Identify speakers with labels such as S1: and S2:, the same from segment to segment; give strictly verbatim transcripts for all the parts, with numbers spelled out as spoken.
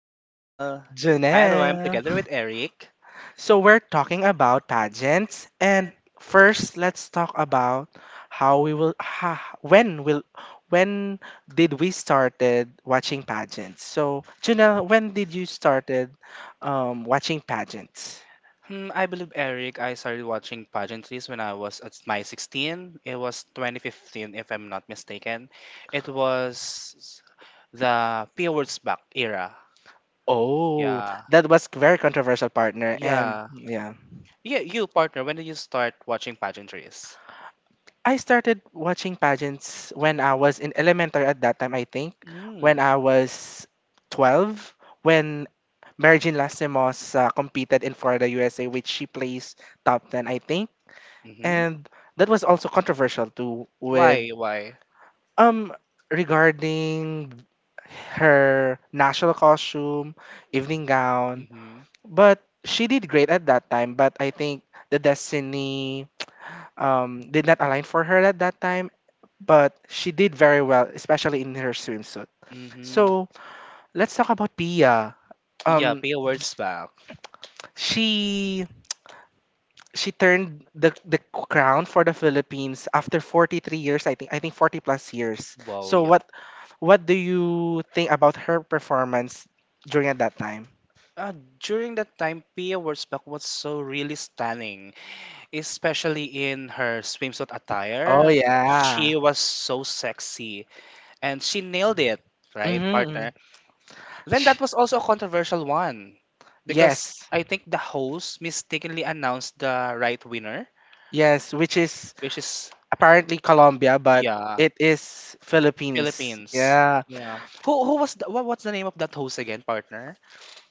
S1: Janelle. Hi everyone,
S2: Janelle.
S1: together with Eric.
S2: So we're talking about pageants, and first let's talk about how we will ha, when will when did we started watching pageants? So Janelle, when did you started um, watching pageants?
S1: Hmm, I believe, Eric, I started watching pageantries when I was at my sixteen. It was twenty fifteen if I'm not mistaken. It was the P words back era.
S2: Oh,
S1: Yeah.
S2: that was very controversial, partner. And
S1: Yeah. Yeah, you partner, when did you start watching pageantries?
S2: I started watching pageants when I was in elementary at that time, I think,
S1: Mm.
S2: when I was twelve, when Mary-Jean uh, competed in Florida, U S A, which she placed top ten, I think.
S1: Mm-hmm.
S2: And that was also controversial too with
S1: Why? Why?
S2: um regarding her national costume, evening gown.
S1: Mm-hmm.
S2: But she did great at that time, but I think the destiny um, did not align for her at that time, but she did very well, especially in her swimsuit.
S1: Mm-hmm.
S2: So let's talk about Pia.
S1: Yeah,
S2: Um,
S1: P words back.
S2: she she turned the the crown for the Philippines after forty-three years, I think. I think forty plus years.
S1: Wow,
S2: So
S1: yeah.
S2: what what do you think about her performance during at that time?
S1: Uh, During that time, Pia Wurzbach was so really stunning, especially in her swimsuit
S2: Oh
S1: attire.
S2: yeah.
S1: She was so sexy and she nailed it, right,
S2: Mm-hmm.
S1: partner? Then that was also a controversial one. Yeah. Because
S2: Yes,
S1: I think the host mistakenly announced the right winner,
S2: yes, which is
S1: which is,
S2: apparently Colombia, but
S1: yeah,
S2: it is Philippines.
S1: Philippines.
S2: Yeah.
S1: Yeah. Who who was the, what, what's the name of that host again, partner?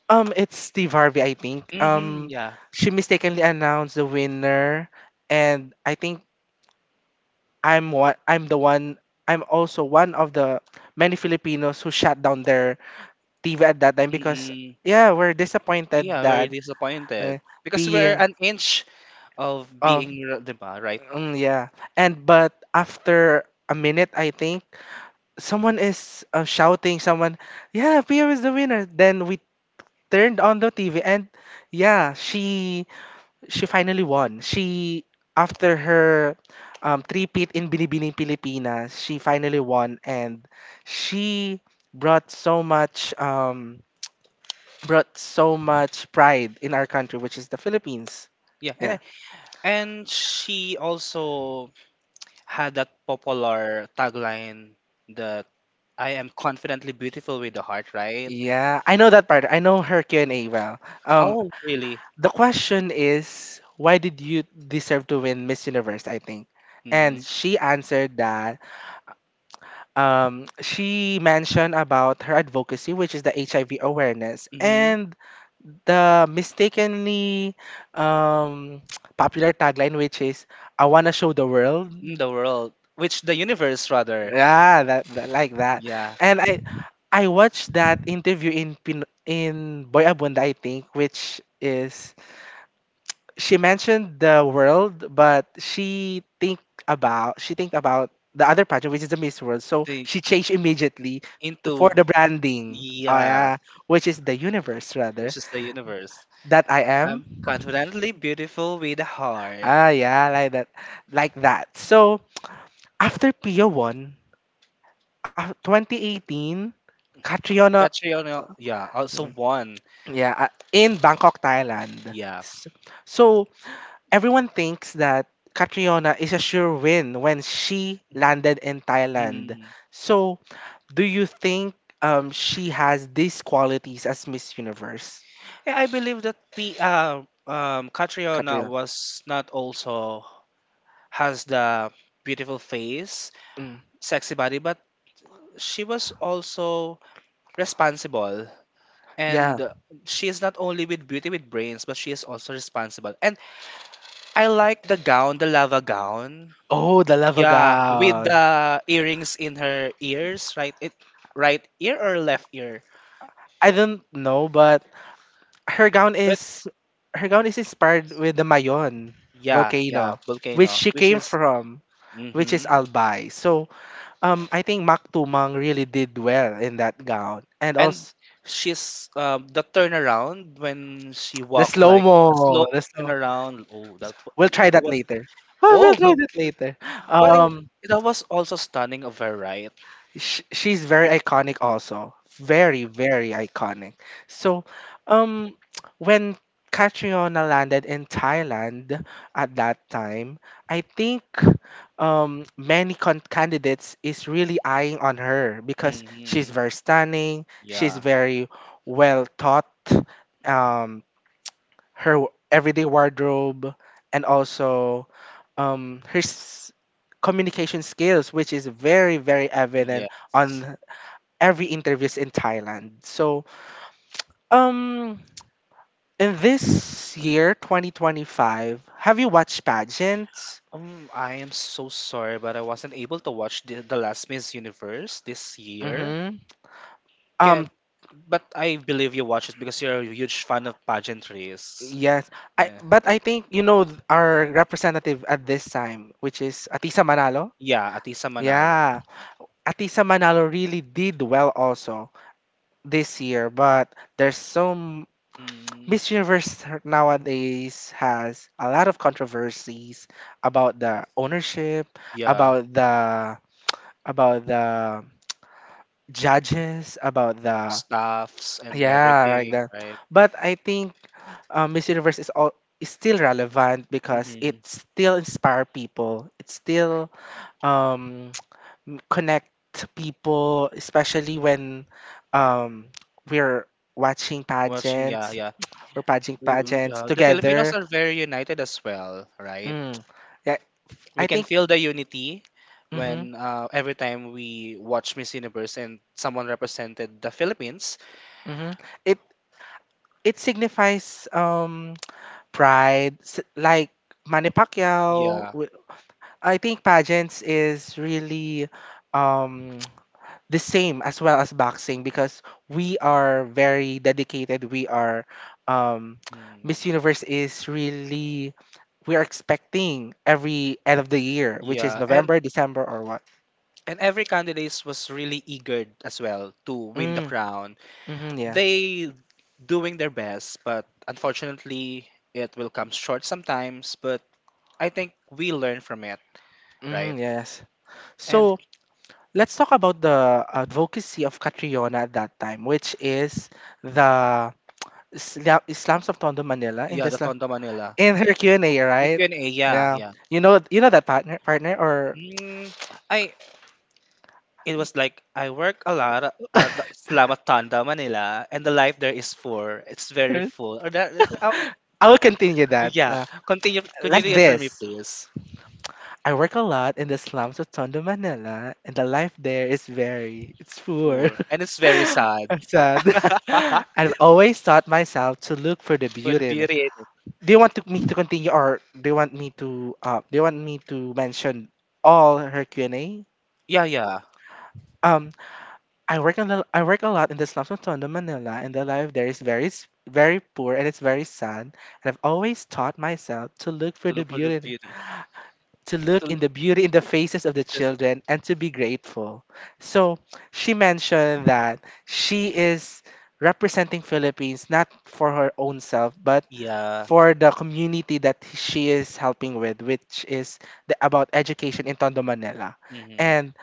S2: Um, it's Steve Harvey, I think.
S1: Mm-hmm,
S2: Um,
S1: yeah.
S2: she mistakenly announced the winner, and I think I'm one. I'm the one. I'm also one of the many Filipinos who shut down their T V at that time because
S1: Mm-mm.
S2: yeah, we're disappointed
S1: Yeah, we're
S2: that uh,
S1: disappointed because we're
S2: peer
S1: an inch of
S2: of
S1: being, r- 'di right?
S2: mm, yeah. And but after a minute, I think someone is uh, shouting. Someone, yeah, Pia is the winner. Then we turned on the T V, and yeah, she she finally won. She After her um, three-peat in Binibining Pilipinas, she finally won, and she brought so much um, brought so much pride in our country, which is the Philippines.
S1: Yeah,
S2: Yeah,
S1: and and she also had that popular tagline that I am confidently beautiful with the heart, right?
S2: yeah, I know that part. I know her Q and A well. Um,
S1: Oh, really?
S2: the question is, why did you deserve to win Miss Universe? I think, and she
S1: Mm-hmm.
S2: answered that um, she mentioned about her advocacy, which is the H I V awareness,
S1: Mm-hmm.
S2: and the mistakenly um, popular tagline, which is "I wanna show the world."
S1: In the world, which the universe rather.
S2: Yeah, that, that like that.
S1: Yeah.
S2: And I I watched that interview in Pin- in Boy Abunda, I think, which is she mentioned the world, but she think about she think about the other pageant, which is the Miss World. So
S1: The,
S2: she changed immediately to-
S1: into
S2: for the branding. Oh
S1: yeah,
S2: yeah, which is the universe rather,
S1: which is the universe.
S2: that I am.
S1: I'm confidently beautiful with a heart.
S2: Ah yeah, like that, like that. So after Pia won, uh, twenty eighteen,
S1: Catriona,
S2: Catriona
S1: Catriona,
S2: uh,
S1: yeah, also one,
S2: yeah, uh, in Bangkok, Thailand.
S1: yeah.
S2: S- So everyone thinks that Catriona is a sure win when she landed in Thailand.
S1: Mm.
S2: So, do you think um, she has these qualities as Miss Universe,
S1: Yeah, I believe that P, uh, um, Catriona
S2: Catriona?
S1: was not also has the beautiful face,
S2: Mm,
S1: sexy body, but she was also responsible.
S2: yeah.
S1: And uh, she is not only with beauty with brains, but she is also responsible. And I like the gown, the lava gown.
S2: Oh, the lava
S1: Yeah, with
S2: gown.
S1: the earrings in her ears, right? It, right ear or left ear?
S2: I don't know, but her gown
S1: But
S2: is her gown is inspired with the Mayon
S1: yeah, yeah,
S2: volcano, which
S1: volcano,
S2: she
S1: which
S2: came
S1: is
S2: from, which
S1: mm-hmm.
S2: is Albay. So, um, I think Mak Tumang really did well in that gown, and
S1: And
S2: also
S1: she's um, the turnaround when she
S2: the
S1: walked
S2: slow
S1: like the slow
S2: mo. The slow.
S1: turnaround. Oh, that
S2: We'll
S1: was, it
S2: try that
S1: was
S2: later. Oh, we'll
S1: oh,
S2: try
S1: go.
S2: that later.
S1: but it,
S2: Um,
S1: that was also stunning of her, right?
S2: sh- she's very iconic also. Very, very iconic. So, um, when Catriona landed in Thailand at that time, I think um, many con- candidates is really eyeing on her because she's
S1: Mm-hmm.
S2: very stunning. She's
S1: Yeah,
S2: very well taught. Um, her w- everyday wardrobe and also um, her s- communication skills, which is very, very evident
S1: yeah.
S2: on every interviews in Thailand. So, um, in this year, twenty twenty-five, have you watched pageants?
S1: Um, I am so sorry, but I wasn't able to watch the, the last Miss Universe this year.
S2: Mm-hmm.
S1: Okay,
S2: Um,
S1: but I believe you watched it because you're a huge fan of pageantries.
S2: yes. I
S1: Yeah.
S2: But I think you know th- our representative at this time, which is Atisa Manalo.
S1: Yeah, Atisa Manalo.
S2: Yeah. Atisa Manalo really did well also this year, but there's some
S1: Mm,
S2: Miss Universe nowadays has a lot of controversies about the ownership,
S1: yeah,
S2: about the about the judges, about the
S1: staffs and
S2: yeah, like
S1: everything,
S2: that.
S1: right?
S2: But I think uh, Miss Universe is all is still relevant because it
S1: Hmm.
S2: still inspire people. It still um m- connect people, especially when um, we're watching
S1: Watching, yeah,
S2: pageants
S1: yeah.
S2: or pageant
S1: We- we-
S2: pageants
S1: yeah, the Filipinos
S2: together.
S1: are very united as well, right?
S2: Mm. Yeah, I
S1: We can
S2: think.
S1: feel the unity
S2: Mm-hmm,
S1: when uh, every time we watch Miss Universe and someone represented the Philippines.
S2: mm-hmm. It it signifies um pride, s- like Manny Pacquiao.
S1: Yeah.
S2: wi- I think pageants is really um the same as well as boxing because we are very dedicated. We are um,
S1: Mm.
S2: Miss Universe is really we are expecting every end of the year, which is
S1: Yeah, and
S2: November, December, or what?
S1: and every candidate was really eager as well to win the
S2: Mm.
S1: crown.
S2: Mm-hmm, yeah.
S1: They doing their best, but unfortunately it will come short sometimes, but I think we learn from it, right?
S2: Mm-hmm, yes.
S1: And
S2: So let's talk about the advocacy of Catriona at that time, which is the Isla- Islams of Tondo, Manila. In
S1: yeah, the
S2: this
S1: Tondo Manila.
S2: in her Q and A,
S1: The
S2: right?
S1: Q and A, yeah,
S2: Yeah,
S1: yeah.
S2: you know, you know that, partner. Partner, or
S1: Mm, I it was like I work a lot at the Slamat Tondo, Manila, and the life there is full. It's very full. Or that, uh,
S2: I will continue that,
S1: yeah,
S2: uh,
S1: continue
S2: like
S1: continue it for me,
S2: this.
S1: please.
S2: I work a lot in the slums of Tondo, Manila, and the life there is very it's poor.
S1: Full, and it's very sad.
S2: I'm sad. I've always taught myself to look for the
S1: For the
S2: beauty in it.
S1: beauty in it.
S2: Do you want to, me to continue, or do you want me to? Uh, do you want me to mention all her Q and A?
S1: Yeah, yeah.
S2: Um, I work on the, I work a lot in the slums of Tondo, Manila, and the life there is very s- very poor, and it's very sad. And I've always taught myself to look for
S1: To
S2: the
S1: look for the
S2: beauty, in-
S1: beauty,
S2: to
S1: to
S2: look in
S1: look
S2: the beauty in the
S1: for
S2: faces of the
S1: pieces.
S2: children, and to be grateful. So she mentioned that she is representing Philippines not for her own self, but
S1: Yeah.
S2: for the community that she is helping with, which is the, about education in Tondo, Manila.
S1: Hmm.
S2: And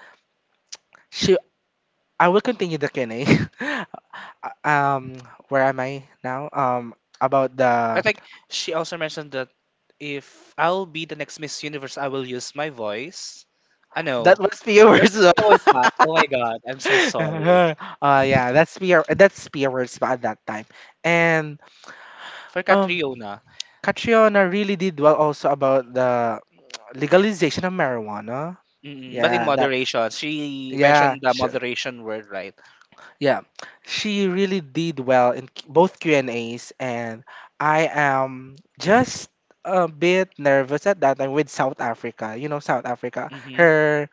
S2: she, I will continue the Q and A. uh, um where am I now? Um about
S1: I
S2: the
S1: think she also mentioned that if I'll be the next Miss Universe, I will use my voice. I
S2: That
S1: know.
S2: was
S1: That's
S2: viewers. Uh
S1: always bad. Oh my god, I'm so sorry.
S2: yeah, that's P R, that's viewers at that time. And
S1: For
S2: um
S1: Catriona.
S2: Catriona really did well also about the legalization of marijuana.
S1: Mm-mm. But in
S2: Yeah, that
S1: moderation, she
S2: yeah.
S1: mentioned the
S2: sh-
S1: moderation word, right?
S2: Yeah, she really did well in Q- both Q and A's, and I am just a bit nervous at that time with South Africa. You know, South Africa,
S1: Mm-hmm.
S2: her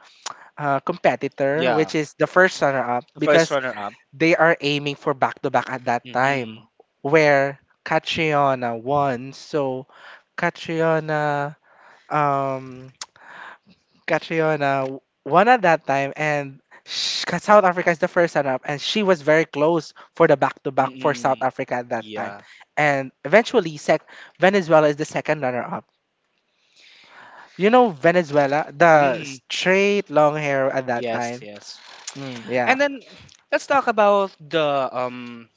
S2: uh, competitor,
S1: Yeah,
S2: which is the first runner-up,
S1: the first
S2: because
S1: runner up.
S2: they are aiming for back-to-back at that time,
S1: Mm-hmm.
S2: where Catriona won. So Catriona um Catriona won at that time, and sh- South Africa is the first runner-up, and she was very close for the back-to-back for South
S1: Mm-mm.
S2: Africa at that time.
S1: Yeah.
S2: And eventually, sec- Venezuela is the second runner-up. You know Venezuela, the
S1: Mm-mm.
S2: straight long hair at that
S1: Yes,
S2: time.
S1: yes.
S2: Mm, yeah.
S1: And then let's talk about the um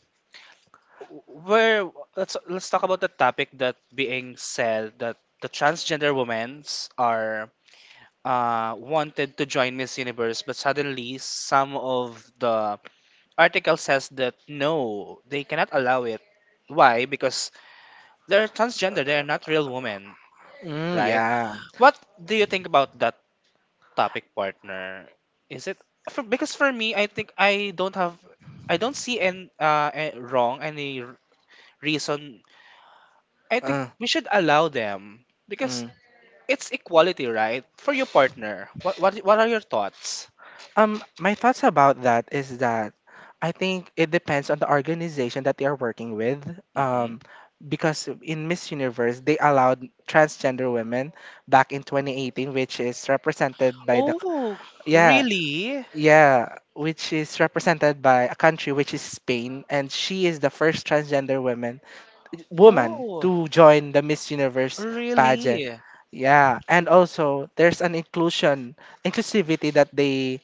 S1: where let's let's talk about the topic that being said that the transgender women's are uh wanted to join Miss Universe but suddenly some of the article says that no they cannot allow it. Why? Because they're transgender, they are not real women,
S2: Mm,
S1: right?
S2: yeah.
S1: What do you think about that topic, partner? Is it for, because for me I think i don't have i don't see any uh, a- wrong any r- reason. I think
S2: Uh,
S1: we should allow them because
S2: mm.
S1: it's equality right for your partner. What what, what are your thoughts?
S2: Um, my thoughts about that is that I think it depends on the organization that they are working with.
S1: Hmm.
S2: Um, because in Miss Universe, they allowed transgender women back in twenty eighteen, which is represented by the
S1: Oh
S2: yeah,
S1: really.
S2: yeah, which is represented by a country, which is Spain, and she is the first transgender woman woman
S1: Oh
S2: to join the Miss Universe pageant.
S1: really.
S2: Yeah, and also there's an inclusion inclusivity that they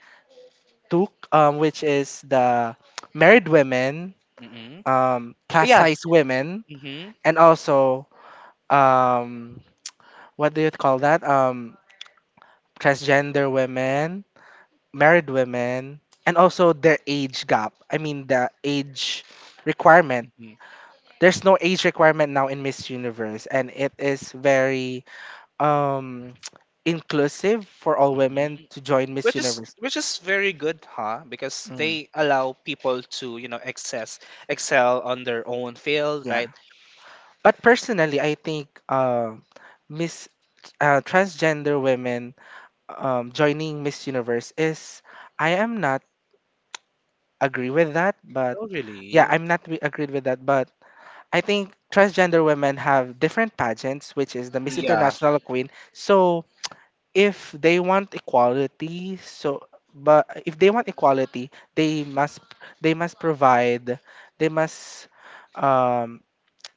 S2: Tuk, um, which is the married women,
S1: Mm-hmm.
S2: um, plus, yeah,
S1: Yeah.
S2: size women,
S1: Mm-hmm.
S2: and also um, what do you call that? Um, transgender women, married women, and also their age gap. I mean the age requirement. There's no age requirement now in Miss Universe, and it is very um, inclusive for all
S1: Mhm.
S2: women to join Miss
S1: Which is
S2: Universe.
S1: which is very good huh, because
S2: Mm.
S1: they allow people to, you know, access excel on their own field, right?
S2: But personally, I think uh, Miss uh, transgender women um, joining Miss Universe is I am not agree with that, but
S1: Oh
S2: yeah,
S1: really.
S2: I'm not re- agreed with that. But I think transgender women have different pageants, which is the Miss
S1: Yeah.
S2: International Queen. So if they want equality, so but if they want equality, they must they must provide. they must um,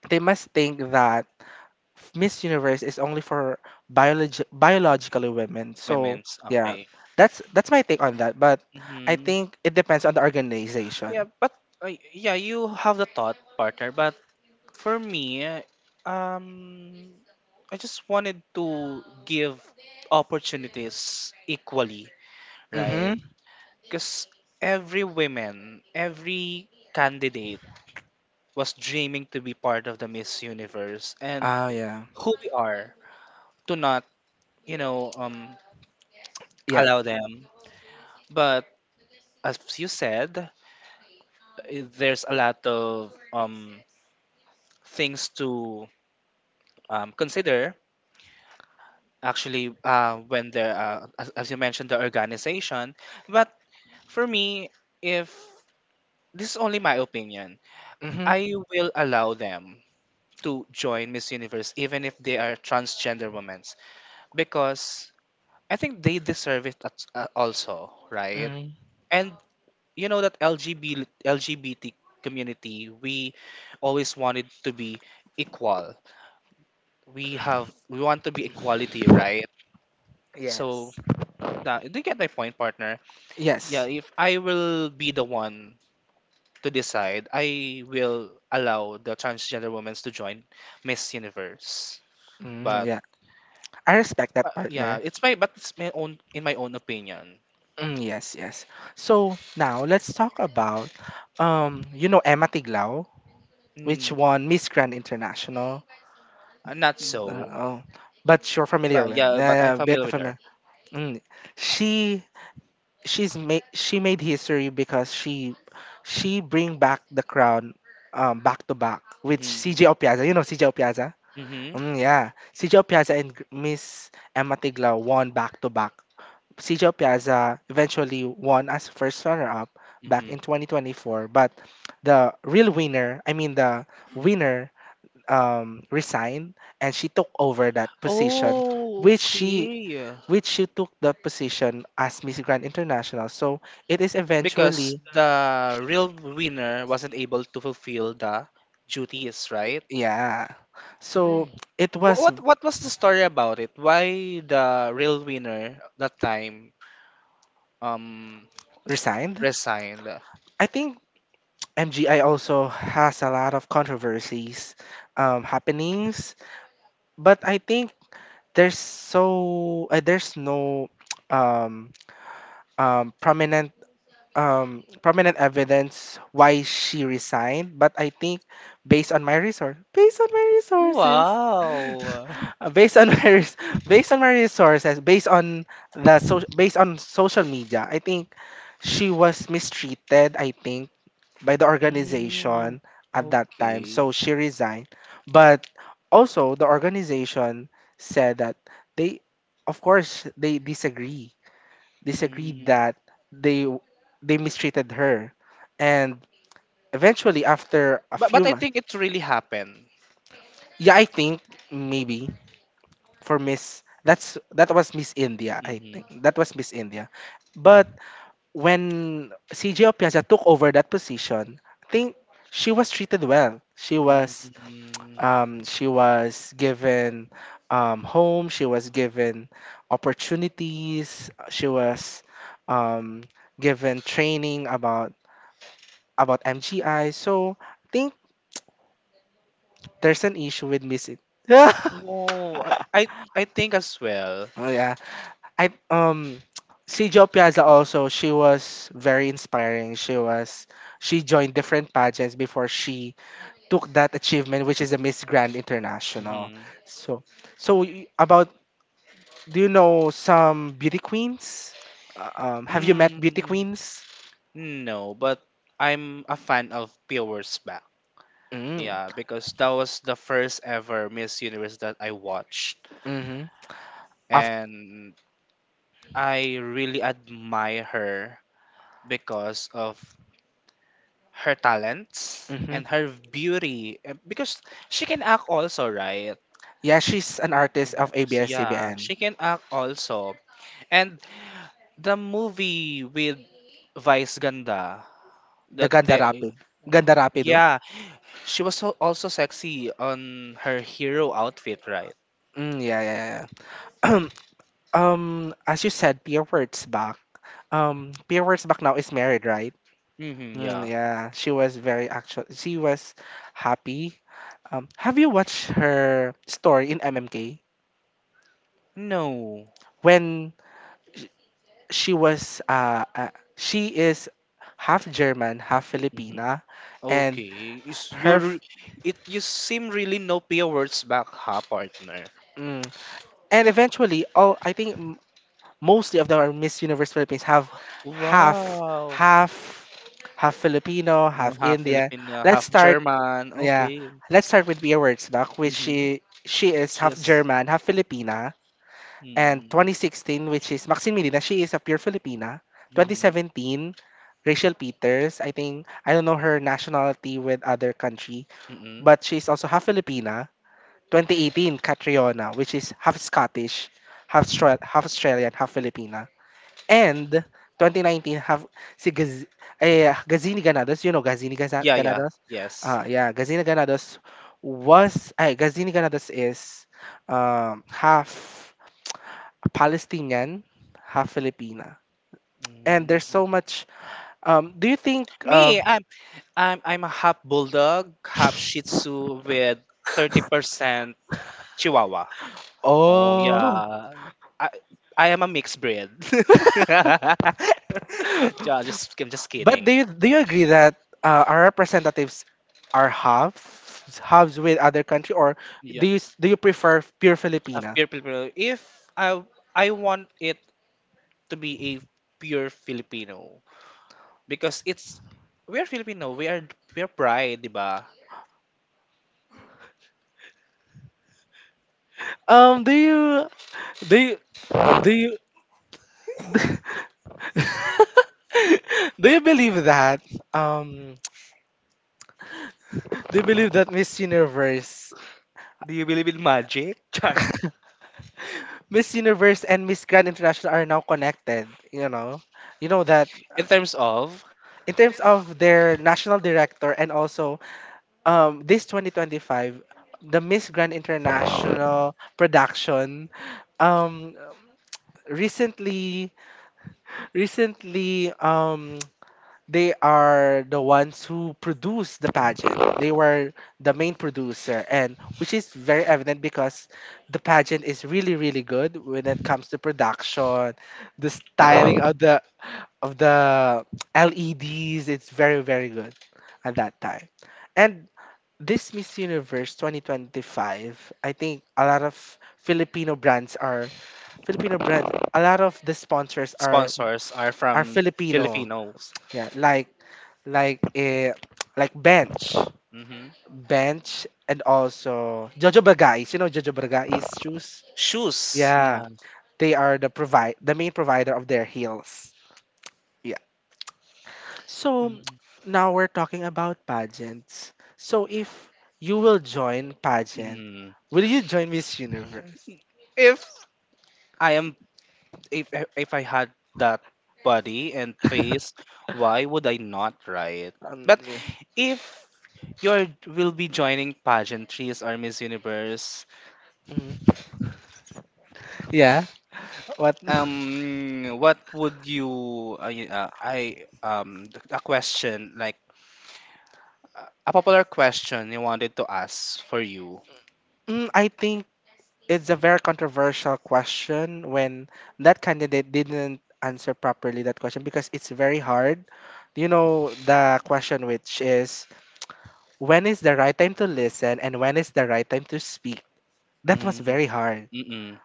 S2: they must think that Miss Universe is only for biologi- biologically women. So
S1: Women's
S2: yeah,
S1: okay.
S2: that's that's my take on that. But I
S1: Hmm.
S2: think it depends on the
S1: Yeah
S2: organization.
S1: but uh, yeah you have the thought partner, but for me, um I just wanted to give opportunities equally, right?
S2: Mm-hmm.
S1: Because every woman, every candidate was dreaming to be part of the Miss Universe and
S2: Oh yeah,
S1: who we are to not, you know, um,
S2: yeah.
S1: allow them. But as you said, i- there's a lot of um, things to um, consider. Actually, uh, when there, uh, as, as you mentioned, the organization. But for me, if this is only my opinion,
S2: Mm-hmm.
S1: I will allow them to join Miss Universe even if they are transgender women because I think they deserve it at- uh, also, right?
S2: Mm-hmm.
S1: And you know that L G B T L G B T community, we always wanted to be equal. We have we want to be equality, right? So,
S2: Yes.
S1: nah, do you get my point, partner? Yeah,
S2: Yes.
S1: if I will be the one to decide, I will allow the transgender women to join Miss Universe.
S2: Mm,
S1: But
S2: yeah, I respect
S1: uh,
S2: that,
S1: yeah,
S2: partner.
S1: it's my but it's my own in my own opinion.
S2: Mm, yes, yes. So now let's talk about, um, you know Emma Tiglao, which
S1: Mm,
S2: won Miss Grand International.
S1: uh, Not
S2: Uh,
S1: so.
S2: oh, but you're familiar
S1: But
S2: with.
S1: yeah, but
S2: Yeah, yeah,
S1: I'm
S2: a bit
S1: familiar with her.
S2: familiar. Mm. She she's made she made history because she she bring back the crown um back to back with C J
S1: Hmm.
S2: Opiaza. You know C J Opiaza?
S1: Hmm.
S2: Mm, yeah, C J Opiaza and Gr- Miss Emma Tiglaw won back to back. C J Opiaza eventually won as first runner up back
S1: Hmm.
S2: in twenty twenty-four, but the real winner, I mean the winner, um, resigned, and she took over that position,
S1: Oh,
S2: which she
S1: okay.
S2: which she took the position as Miss Grand International. So it is eventually,
S1: Because the real winner wasn't able to fulfill the duties, right?
S2: yeah.
S1: Oh.
S2: So it
S1: Wha-
S2: was
S1: What what was the story about it? Why the real winner that time um
S2: resigned.
S1: resigned?
S2: I think M G I also has a lot of controversies, um, happenings, but I think there's so uh, there's no um, um, prominent um, prominent evidence why she resigned, but I think based on my resource, based on my resources,
S1: Wow.
S2: uh, based on my res- based on my resources, based on the so- based on social media, I think she was mistreated. I think by the organization at that time, so she resigned. But also, the organization said that they, of course, they disagree disagreed that they they mistreated her, and eventually after a
S1: But but
S2: few
S1: I
S2: months.
S1: think it really happened.
S2: Yeah, I think maybe for Miss, that's that was Miss India. I
S1: Mm-hmm.
S2: think that was Miss India. But when CJ Opiaza took over that position, I think she was treated well. She was
S1: Mm-hmm.
S2: um she was given um home, she was given opportunities. She was um given training about about M G I. So I think there's an issue with missing.
S1: Oh, I, I I think as well.
S2: Oh yeah, I um see Jo Piazza also. She was very inspiring. She was she joined different pageants before she took that achievement, which is the Miss Grand International.
S1: Mm-hmm.
S2: So so y- about, do you know some beauty queens? Uh, um, have you met beauty
S1: Mm,
S2: queens?
S1: no, but I'm a fan of Powers Back.
S2: Mm.
S1: Yeah, because that was the first ever Miss Universe that I watched,
S2: Mm-hmm. Of,
S1: and I really admire her because of her talents
S2: mm-hmm.
S1: and her beauty eh, because she can act also, right?
S2: Yeah, she's an artist
S1: Uh,
S2: of
S1: yeah,
S2: A B S-C B N.
S1: she can act also. And the movie with Vice Ganda
S2: The
S1: that
S2: Ganda
S1: they
S2: Rapid. Ganda Rapido?
S1: yeah, she was so also sexy on her hero outfit, right?
S2: Mm, yeah, yeah, yeah. Um, as you said, Pia Wurtzbach back. Um, Pia Wurtzbach now is married, right?
S1: Mhm,
S2: Mm,
S1: yeah.
S2: yeah, she was very actual. She was happy. Um, have you watched her story in M M K
S1: No.
S2: when she was uh, uh she is half German, half
S1: Mhm.
S2: Filipina, and
S1: Okay, is
S2: her
S1: your
S2: f-
S1: it you seem really no words back ha partner.
S2: mm, and eventually, oh, I think mostly of the Miss Universe Philippines have half,
S1: Wow.
S2: half half Filipino,
S1: Uh,
S2: half
S1: half
S2: Indian.
S1: Filipino,
S2: Let's
S1: half
S2: start
S1: German.
S2: Yeah.
S1: Okay.
S2: Let's start with Bea Wurzbach, which
S1: Mm-hmm.
S2: she she is
S1: She
S2: half
S1: was.
S2: German, half Filipina. And
S1: Mm,
S2: twenty sixteen, which is Maxine Medina, she is a pure Filipina.
S1: mm,
S2: twenty seventeen, Rachel Peters, I think, I don't know her nationality with other country,
S1: mm.
S2: but she's also half Filipina. twenty eighteen, Catriona, which is half Scottish, half, Stra- half Australian, half Filipina. And twenty nineteen have si Gaz eh, Gazini Ganados. You know Gazini Gaza
S1: Yeah, yeah.
S2: Ganados?
S1: Yes.
S2: Uh, yeah, Gazini Ganados was, ay, Gazini Ganados is um, half Palestinian, half Filipina. And
S1: Mm.
S2: there's so much. Um, do you think, um,
S1: Me, I'm I'm I'm a half bulldog, half Shih Tzu with thirty percent Chihuahua. Oh
S2: oh,
S1: yeah, I I am a mixed breed. Yeah, just I'm just
S2: but
S1: kidding.
S2: do you, do you agree that uh, our representatives are halves, halves with other country, or
S1: Yeah.
S2: do you, s- do you prefer pure
S1: Of
S2: Filipina?
S1: pure Filipino. If I I want it to be a pure Filipino because it's we're Filipino, we are we're pride, di ba?
S2: Um, do you do you do you do you believe that? Um, do you believe that Miss Universe
S1: Do you believe in magic? Char.
S2: Miss Universe and Miss Grand International are now connected? You know, you know that, uh,
S1: In terms of
S2: in terms of their national director, and also um this twenty twenty-five, the Miss Grand International production, um recently recently um they are the ones who produced the pageant. They were the main producer, and which is very evident because the pageant is really, really good when it comes to production, the styling of the of the L E Ds. It's very, very good at that time. And this Miss Universe twenty twenty-five, I think a lot of Filipino brands are Filipino brands. A lot of the sponsors are
S1: sponsors are
S2: are
S1: from
S2: Filipino.
S1: Filipinos.
S2: Yeah, like like eh, like bench,
S1: Hmm.
S2: bench, and also Jojo Bagais. You know Jojo Bagais shoes.
S1: Shoes,
S2: Yeah,
S1: yeah.
S2: they are the provide the main provider of their heels. Yeah. So
S1: Mhm.
S2: now we're talking about pageants. So if you will join pageant,
S1: Mhm.
S2: will you join Miss Universe?
S1: If I am if if I had that body and face, why would I not try it?
S2: Um,
S1: But
S2: yeah.
S1: if you will be joining pageantries or Miss Universe,
S2: Mhm. Yeah, what?
S1: um, what would you, uh, y- uh, I, um, th- a question like uh, a popular question you wanted to ask for you?
S2: Mm, I think it's a very controversial question when that candidate didn't answer properly that question because it's very hard. You know, the question, which is, when is the right time to listen and when is the right time to speak? That was
S1: Mm,
S2: very hard.
S1: mm-mm.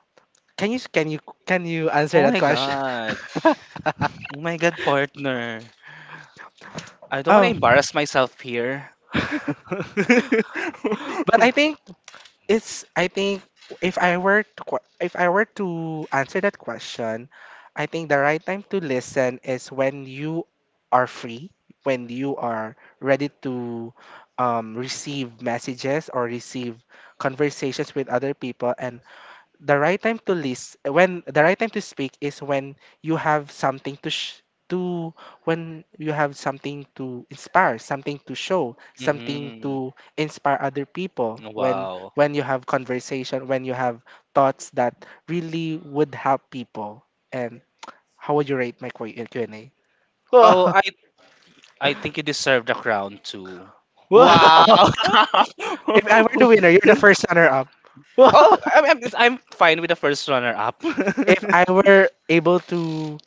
S2: Can you can you can you answer
S1: Oh
S2: that
S1: my
S2: question?
S1: god! Oh my god, partner! I don't want to
S2: Oh.
S1: embarrass myself here.
S2: But
S1: Mm-hmm.
S2: I think, it's I think if I were to que- if I were to answer that question, I think the right time to listen is when you are free, when you are ready to um, receive messages or receive conversations with other people, and the right time to list, when the right time to speak is when you have something to sh- to, when you have something to inspire, something to show, something to inspire other people, when
S1: Wow.
S2: when you have conversation, when you have thoughts that really would help people. And how would you rate my Q- uh, q&a?
S1: Oh,
S2: Whoa.
S1: I I think you deserve the crown too.
S2: Whoa.
S1: Wow.
S2: If I were the winner, you're the first runner up.
S1: Oh, I'm, I'm, I'm fine with the first runner up.
S2: If I were able to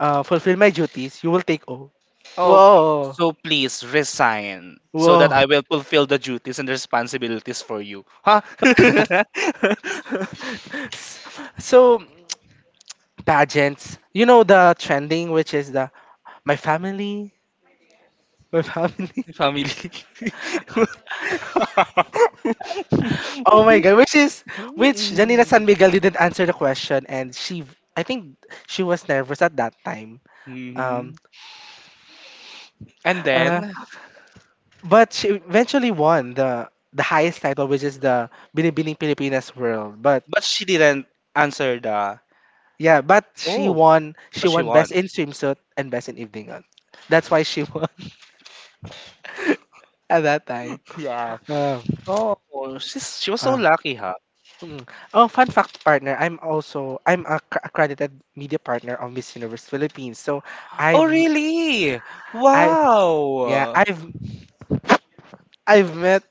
S2: uh, fulfill my duties, you will take over.
S1: Oh,
S2: Whoa.
S1: so please resign so that
S2: Whoa.
S1: I will fulfill the duties and responsibilities for you. Huh?
S2: S- So pageants, you know, the trending, which is "the my family, my family."
S1: Family.
S2: Oh my god, which is which Janina San Miguel didn't answer the question, and she, I think she was nervous at that time. Um,
S1: Mhm. And
S2: uh,
S1: then,
S2: but she eventually won the the highest title, which is the Binibining Pilipinas World. But
S1: but she didn't answer the.
S2: yeah, but she
S1: Oh,
S2: won. She
S1: but she
S2: won
S1: won.
S2: best in swimsuit and best in evening gown. That's why she won. at that time.
S1: Yeah.
S2: Um.
S1: Oh, she's she was so
S2: Ah.
S1: lucky, huh?
S2: Mm. Oh, fun fact, partner. I'm also, I'm a cr- accredited media partner of Miss Universe Philippines. So
S1: Oh,
S2: I've m-
S1: really?
S2: I yeah,
S1: Wow.
S2: I've I've met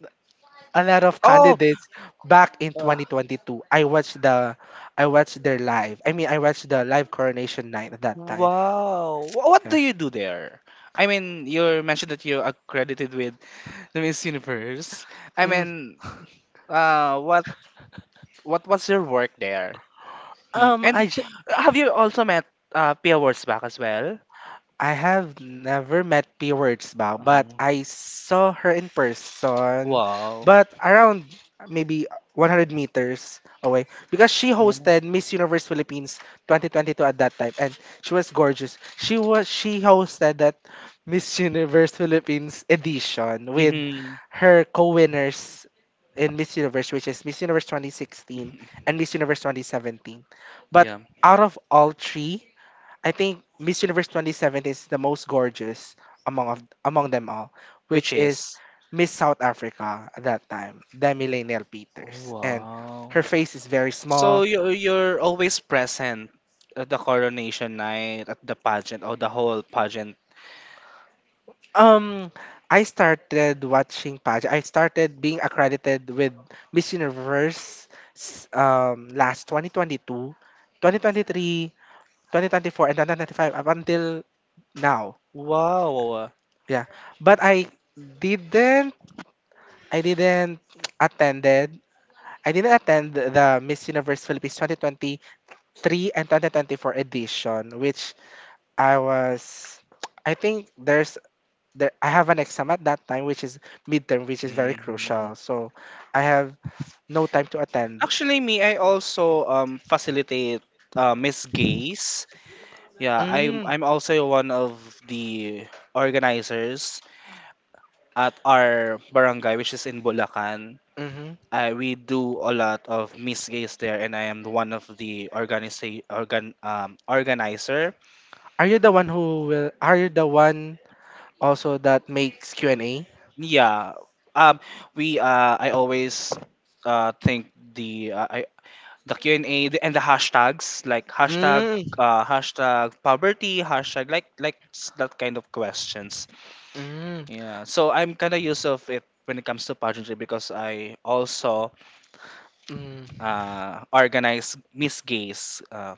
S2: a lot of
S1: Oh,
S2: candidates back in
S1: uh,
S2: twenty twenty-two. I watched the I watched their live. I mean, I watched the live coronation night at that time.
S1: wow. Wh- What
S2: Yeah.
S1: do you do there? I mean, you mentioned that you're accredited with the Miss Universe. I
S2: Mm.
S1: mean, uh, what what was your work there? Hmm.
S2: Um,
S1: And
S2: I
S1: have you also met uh, Pia Wurzbach as well?
S2: I have never met P Words, but
S1: Mhm.
S2: I saw her in person,
S1: Wow.
S2: but around maybe one hundred meters away, because she hosted Miss Universe Philippines twenty twenty-two at that time, and she was gorgeous. She was she hosted that Miss Universe Philippines edition with
S1: Mm-hmm.
S2: her co-winners in Miss Universe, which is Miss Universe twenty sixteen and Miss Universe twenty seventeen. But
S1: Yeah.
S2: out of all three, I think Miss Universe twenty seventeen is the most gorgeous among of, among them all, which
S1: Which
S2: is
S1: is?
S2: Miss South Africa at that time, Demi Lanelle Peters,
S1: Oh,
S2: and
S1: wow.
S2: her face is very small.
S1: So you you're always present at the coronation night, at the pageant, or the whole pageant.
S2: Um, I started watching pageant. I started being accredited with Miss Universe s- um last twenty twenty-two, twenty twenty-three, twenty twenty-four, and twenty twenty-five up until now.
S1: Wow.
S2: Yeah, but I didn't. I didn't attended I didn't attend the Miss Universe Philippines twenty twenty-three and twenty twenty-four edition, which I was, I think there's, there, I have an exam at that time, which is midterm, which is very
S1: Mhm.
S2: crucial. So I have no time to attend.
S1: Actually, me, I also um facilitate uh, Miss Gays. Yeah, I'm
S2: Mm,
S1: I'm also one of the organizers at our barangay, which is in Bulacan.
S2: mm-hmm.
S1: I we do a lot of misgates there, and I am one of the organisa- organ um, organizer.
S2: Are you the one who will, are you the one also that makes Q and A?
S1: Yeah, um, we uh, I always uh, think the uh, I, the Q and A the- and the hashtags like hashtag
S2: Mm,
S1: uh, hashtag poverty, hashtag like like s- that kind of questions.
S2: mm, mm,
S1: Yeah, so I'm kind of used of it when it comes to pageantry because I also
S2: mm,
S1: uh, organize misgates uh,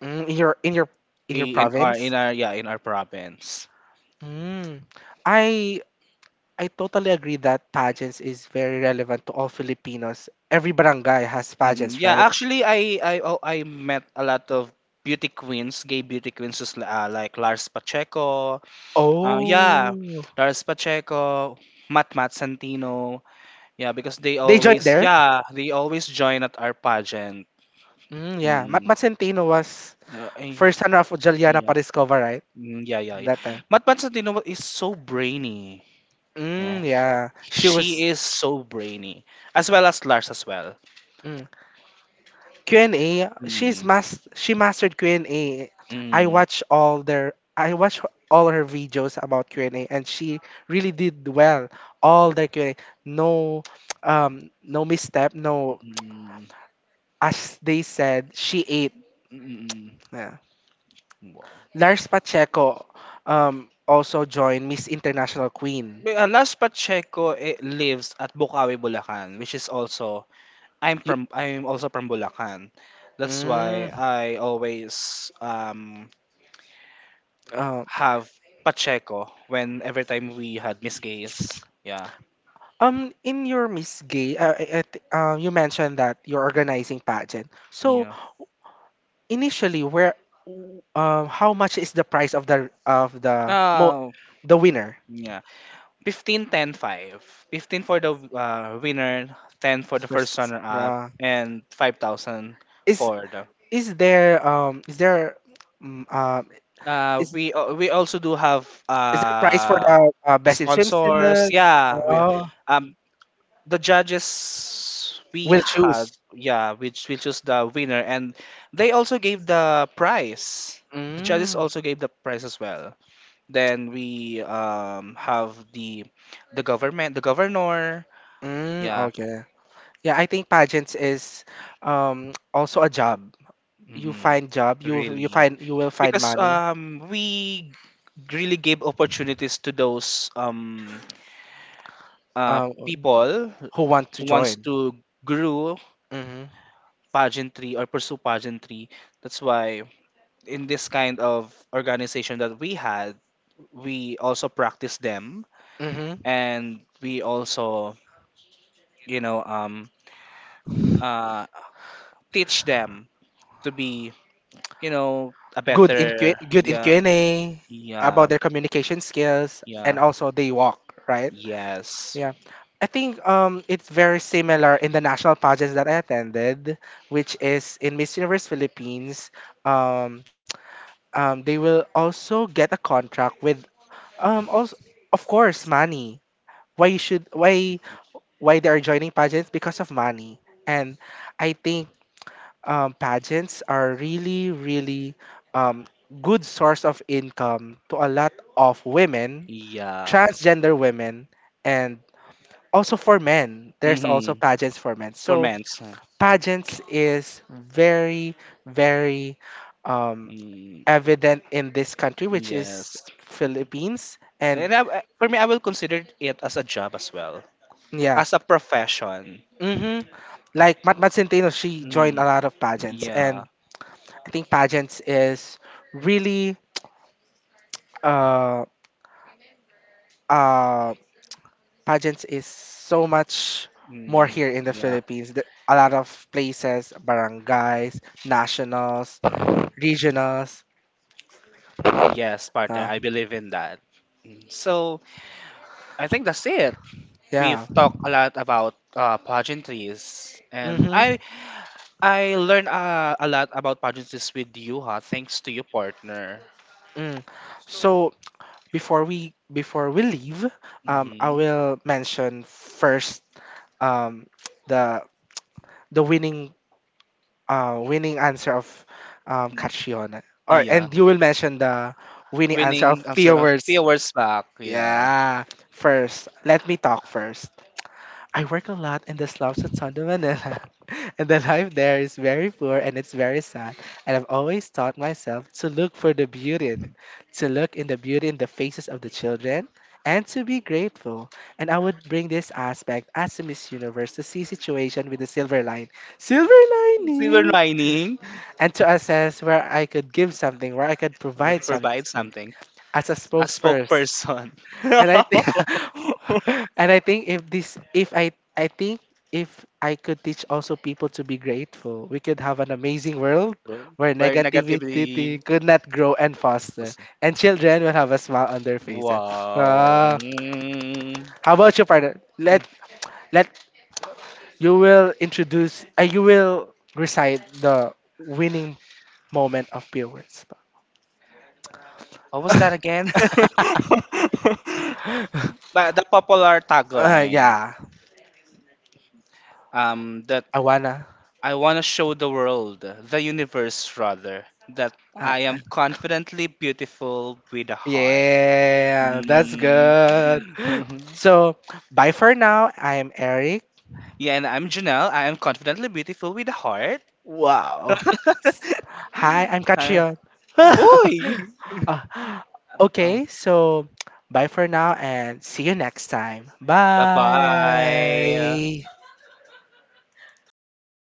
S2: in your, in your, in your
S1: in in our
S2: province?
S1: in our yeah in our province.
S2: Mm. I I totally agree that pageants is very relevant to all Filipinos. Every barangay has
S1: Mm-mm.
S2: pageants,
S1: Yeah,
S2: right?
S1: actually, I I oh, I met a lot of beauty queens, gay beauty queens, just, li- uh, like Lars Pacheco. Uh, yeah,
S2: Oh,
S1: Lars Pacheco, Matt Matt Santino. Yeah, because they
S2: they joined
S1: always
S2: there.
S1: yeah they always join at our pageant.
S2: Mm, yeah, Mat
S1: Mm-mm.
S2: Matcentino was
S1: Uh, eh,
S2: first runner of Juliana
S1: yeah,
S2: Pariscova, right?
S1: mm, yeah, yeah, yeah.
S2: That time.
S1: Matt Matt Santino is so brainy. Yeah,
S2: Mm, yeah,
S1: he-
S2: she
S1: she
S2: was.
S1: is so brainy, as well as Lars as well.
S2: Hmm. Q and A, she's
S1: Mm-mm.
S2: mas she mastered q and A. I
S1: Mm.
S2: watch all their I watch all her videos about Q and A and A, and she really did well all the Q and A. No, um no misstep, no,
S1: Mm.
S2: as they said, she ate.
S1: Mm.
S2: Yeah.
S1: Wow.
S2: Lars Pacheco um also joined Miss International Queen.
S1: Well, uh, Last Pacheco eh, lives at Bukawi, Bulacan, which is also I'm
S2: You,
S1: from I'm also from Bulacan. That's why
S2: mm,
S1: I always um
S2: uh,
S1: have Pacheco when every time we had Miss Gays. Yeah,
S2: um in your Miss Gay, uh, uh, uh, you mentioned that you're organizing pageant. So
S1: yeah.
S2: initially, where w- um how much is the price of the of the mo
S1: Oh,
S2: the winner
S1: yeah. Fifteen, ten, five. fifteen for the uh, winner, ten for the first
S2: first?
S1: runner up
S2: uh,
S1: and five thousand
S2: is
S1: for the
S2: is there um is there mm, um uh,
S1: Uh,
S2: is
S1: we al- we also do have
S2: is there price for
S1: uh
S2: the uh, best in
S1: sponsors.
S2: swimsuit?
S1: Yeah, we
S2: Oh,
S1: um the judges we
S2: will
S1: had.
S2: choose.
S1: Yeah, we ch- we chose the winner, and they also gave the prize. The judges
S2: Mm,
S1: also gave the prize as well. Then we um have the the government, the governor.
S2: mm,
S1: Yeah,
S2: okay, yeah, I think pageants is um also a job. You
S1: mm-mm,
S2: find job you you
S1: really
S2: find You will find
S1: because
S2: money.
S1: um we really gave opportunities to those um uh,
S2: um
S1: people
S2: who want to
S1: who wants
S2: join?
S1: to grow
S2: Mm-hmm.
S1: pageantry or pursue pageantry. That's why in this kind of organization that we had, we also practice them
S2: Mm-hmm.
S1: and we also, you know, um, uh, teach them to be, you know, a
S2: good in
S1: better,
S2: Q- good in
S1: yeah,
S2: Q and A about
S1: yeah,
S2: their communication skills and
S1: yeah,
S2: also they walk, right?
S1: yes,
S2: Yeah. I think um, it's very similar in the national pageants that I attended, which is in Miss Universe Philippines. Um, um, they will also get a contract with um, also of course money. Why you should why
S1: mm-hmm.
S2: why they are joining pageants, because of money. And I think um, pageants are really, really um, good source of income to a lot of women,
S1: Yeah,
S2: transgender women, and also for men. There's also
S1: mm-hmm.
S2: pageants for men.
S1: For
S2: So
S1: men.
S2: pageants is very, very um,
S1: Mm,
S2: evident in this country, which is
S1: yes.
S2: Philippines. And
S1: And I, I- for me, I will consider it as a job as well,
S2: yeah.
S1: as a profession.
S2: Hmm. Like Mat Mat Centeno, she joined a
S1: Mm,
S2: lot of pageants,
S1: yeah.
S2: and I think pageants is really uh, uh, pageants is so much more
S1: Mm,
S2: here in the
S1: yeah.
S2: Philippines. The- A lot of places, barangays, nationals, regionals.
S1: Yes, partner.
S2: Uh,
S1: I believe in that. Mm. So I think that's it. We've
S2: yeah.
S1: talked a lot about uh, pageantries, and
S2: Mm-hmm.
S1: I I learned uh, a lot about pageantries with you, ha. Thanks to your partner.
S2: Mm. So before we before we leave, um, I
S1: Mm-hmm.
S2: will mention first um, the the winning uh, winning answer of um, Catriona.
S1: Mm.
S2: Or
S1: Yeah.
S2: and you will mention the winning answer of
S1: Winning I'm sorry, a
S2: viewers.
S1: few awards back. Yeah.
S2: Yeah, first, let me talk first. "I work a lot in the slums of Tondo, Manila, and the life there is very poor and it's very sad. And I've always taught myself to look for the beauty in it, to look in the beauty in the faces of the children, and to be grateful. And I would bring this aspect as a Miss Universe to see situation with the silver line." Silver
S1: Silver
S2: lining!
S1: lining.
S2: "And to assess where I could give something, where I could
S1: We could
S2: provide something
S1: provide something.
S2: as a
S1: A
S2: spokesperson.
S1: spokesperson.
S2: And I think and I think if this if I I think if I could teach also people to be grateful, we could have an amazing world
S1: Well,
S2: where
S1: where negativity.
S2: negativity could not grow and foster, and children will have a smile on their faces."
S1: Wow.
S2: Ah,
S1: Mm.
S2: how about your partner? Let let you will introduce. Uh, you will recite the winning moment of pure words.
S1: What was that again? But the popular
S2: Uh,
S1: tagline,
S2: yeah,
S1: um, that
S2: I wanna.
S1: I want to show the world, the universe rather, that
S2: I,
S1: I
S2: I,
S1: am confidently beautiful with a heart.
S2: yeah, that's
S1: Mm.
S2: good. So, bye for now. I'm Eric.
S1: Yeah, and I'm Janelle. I am confidently beautiful with a heart.
S2: Wow. Hi, I'm Katrion.
S1: Uh, uy!
S2: Uh,
S1: Uh,
S2: okay, so bye for now and see you next time.
S1: bye-bye.
S2: Bye.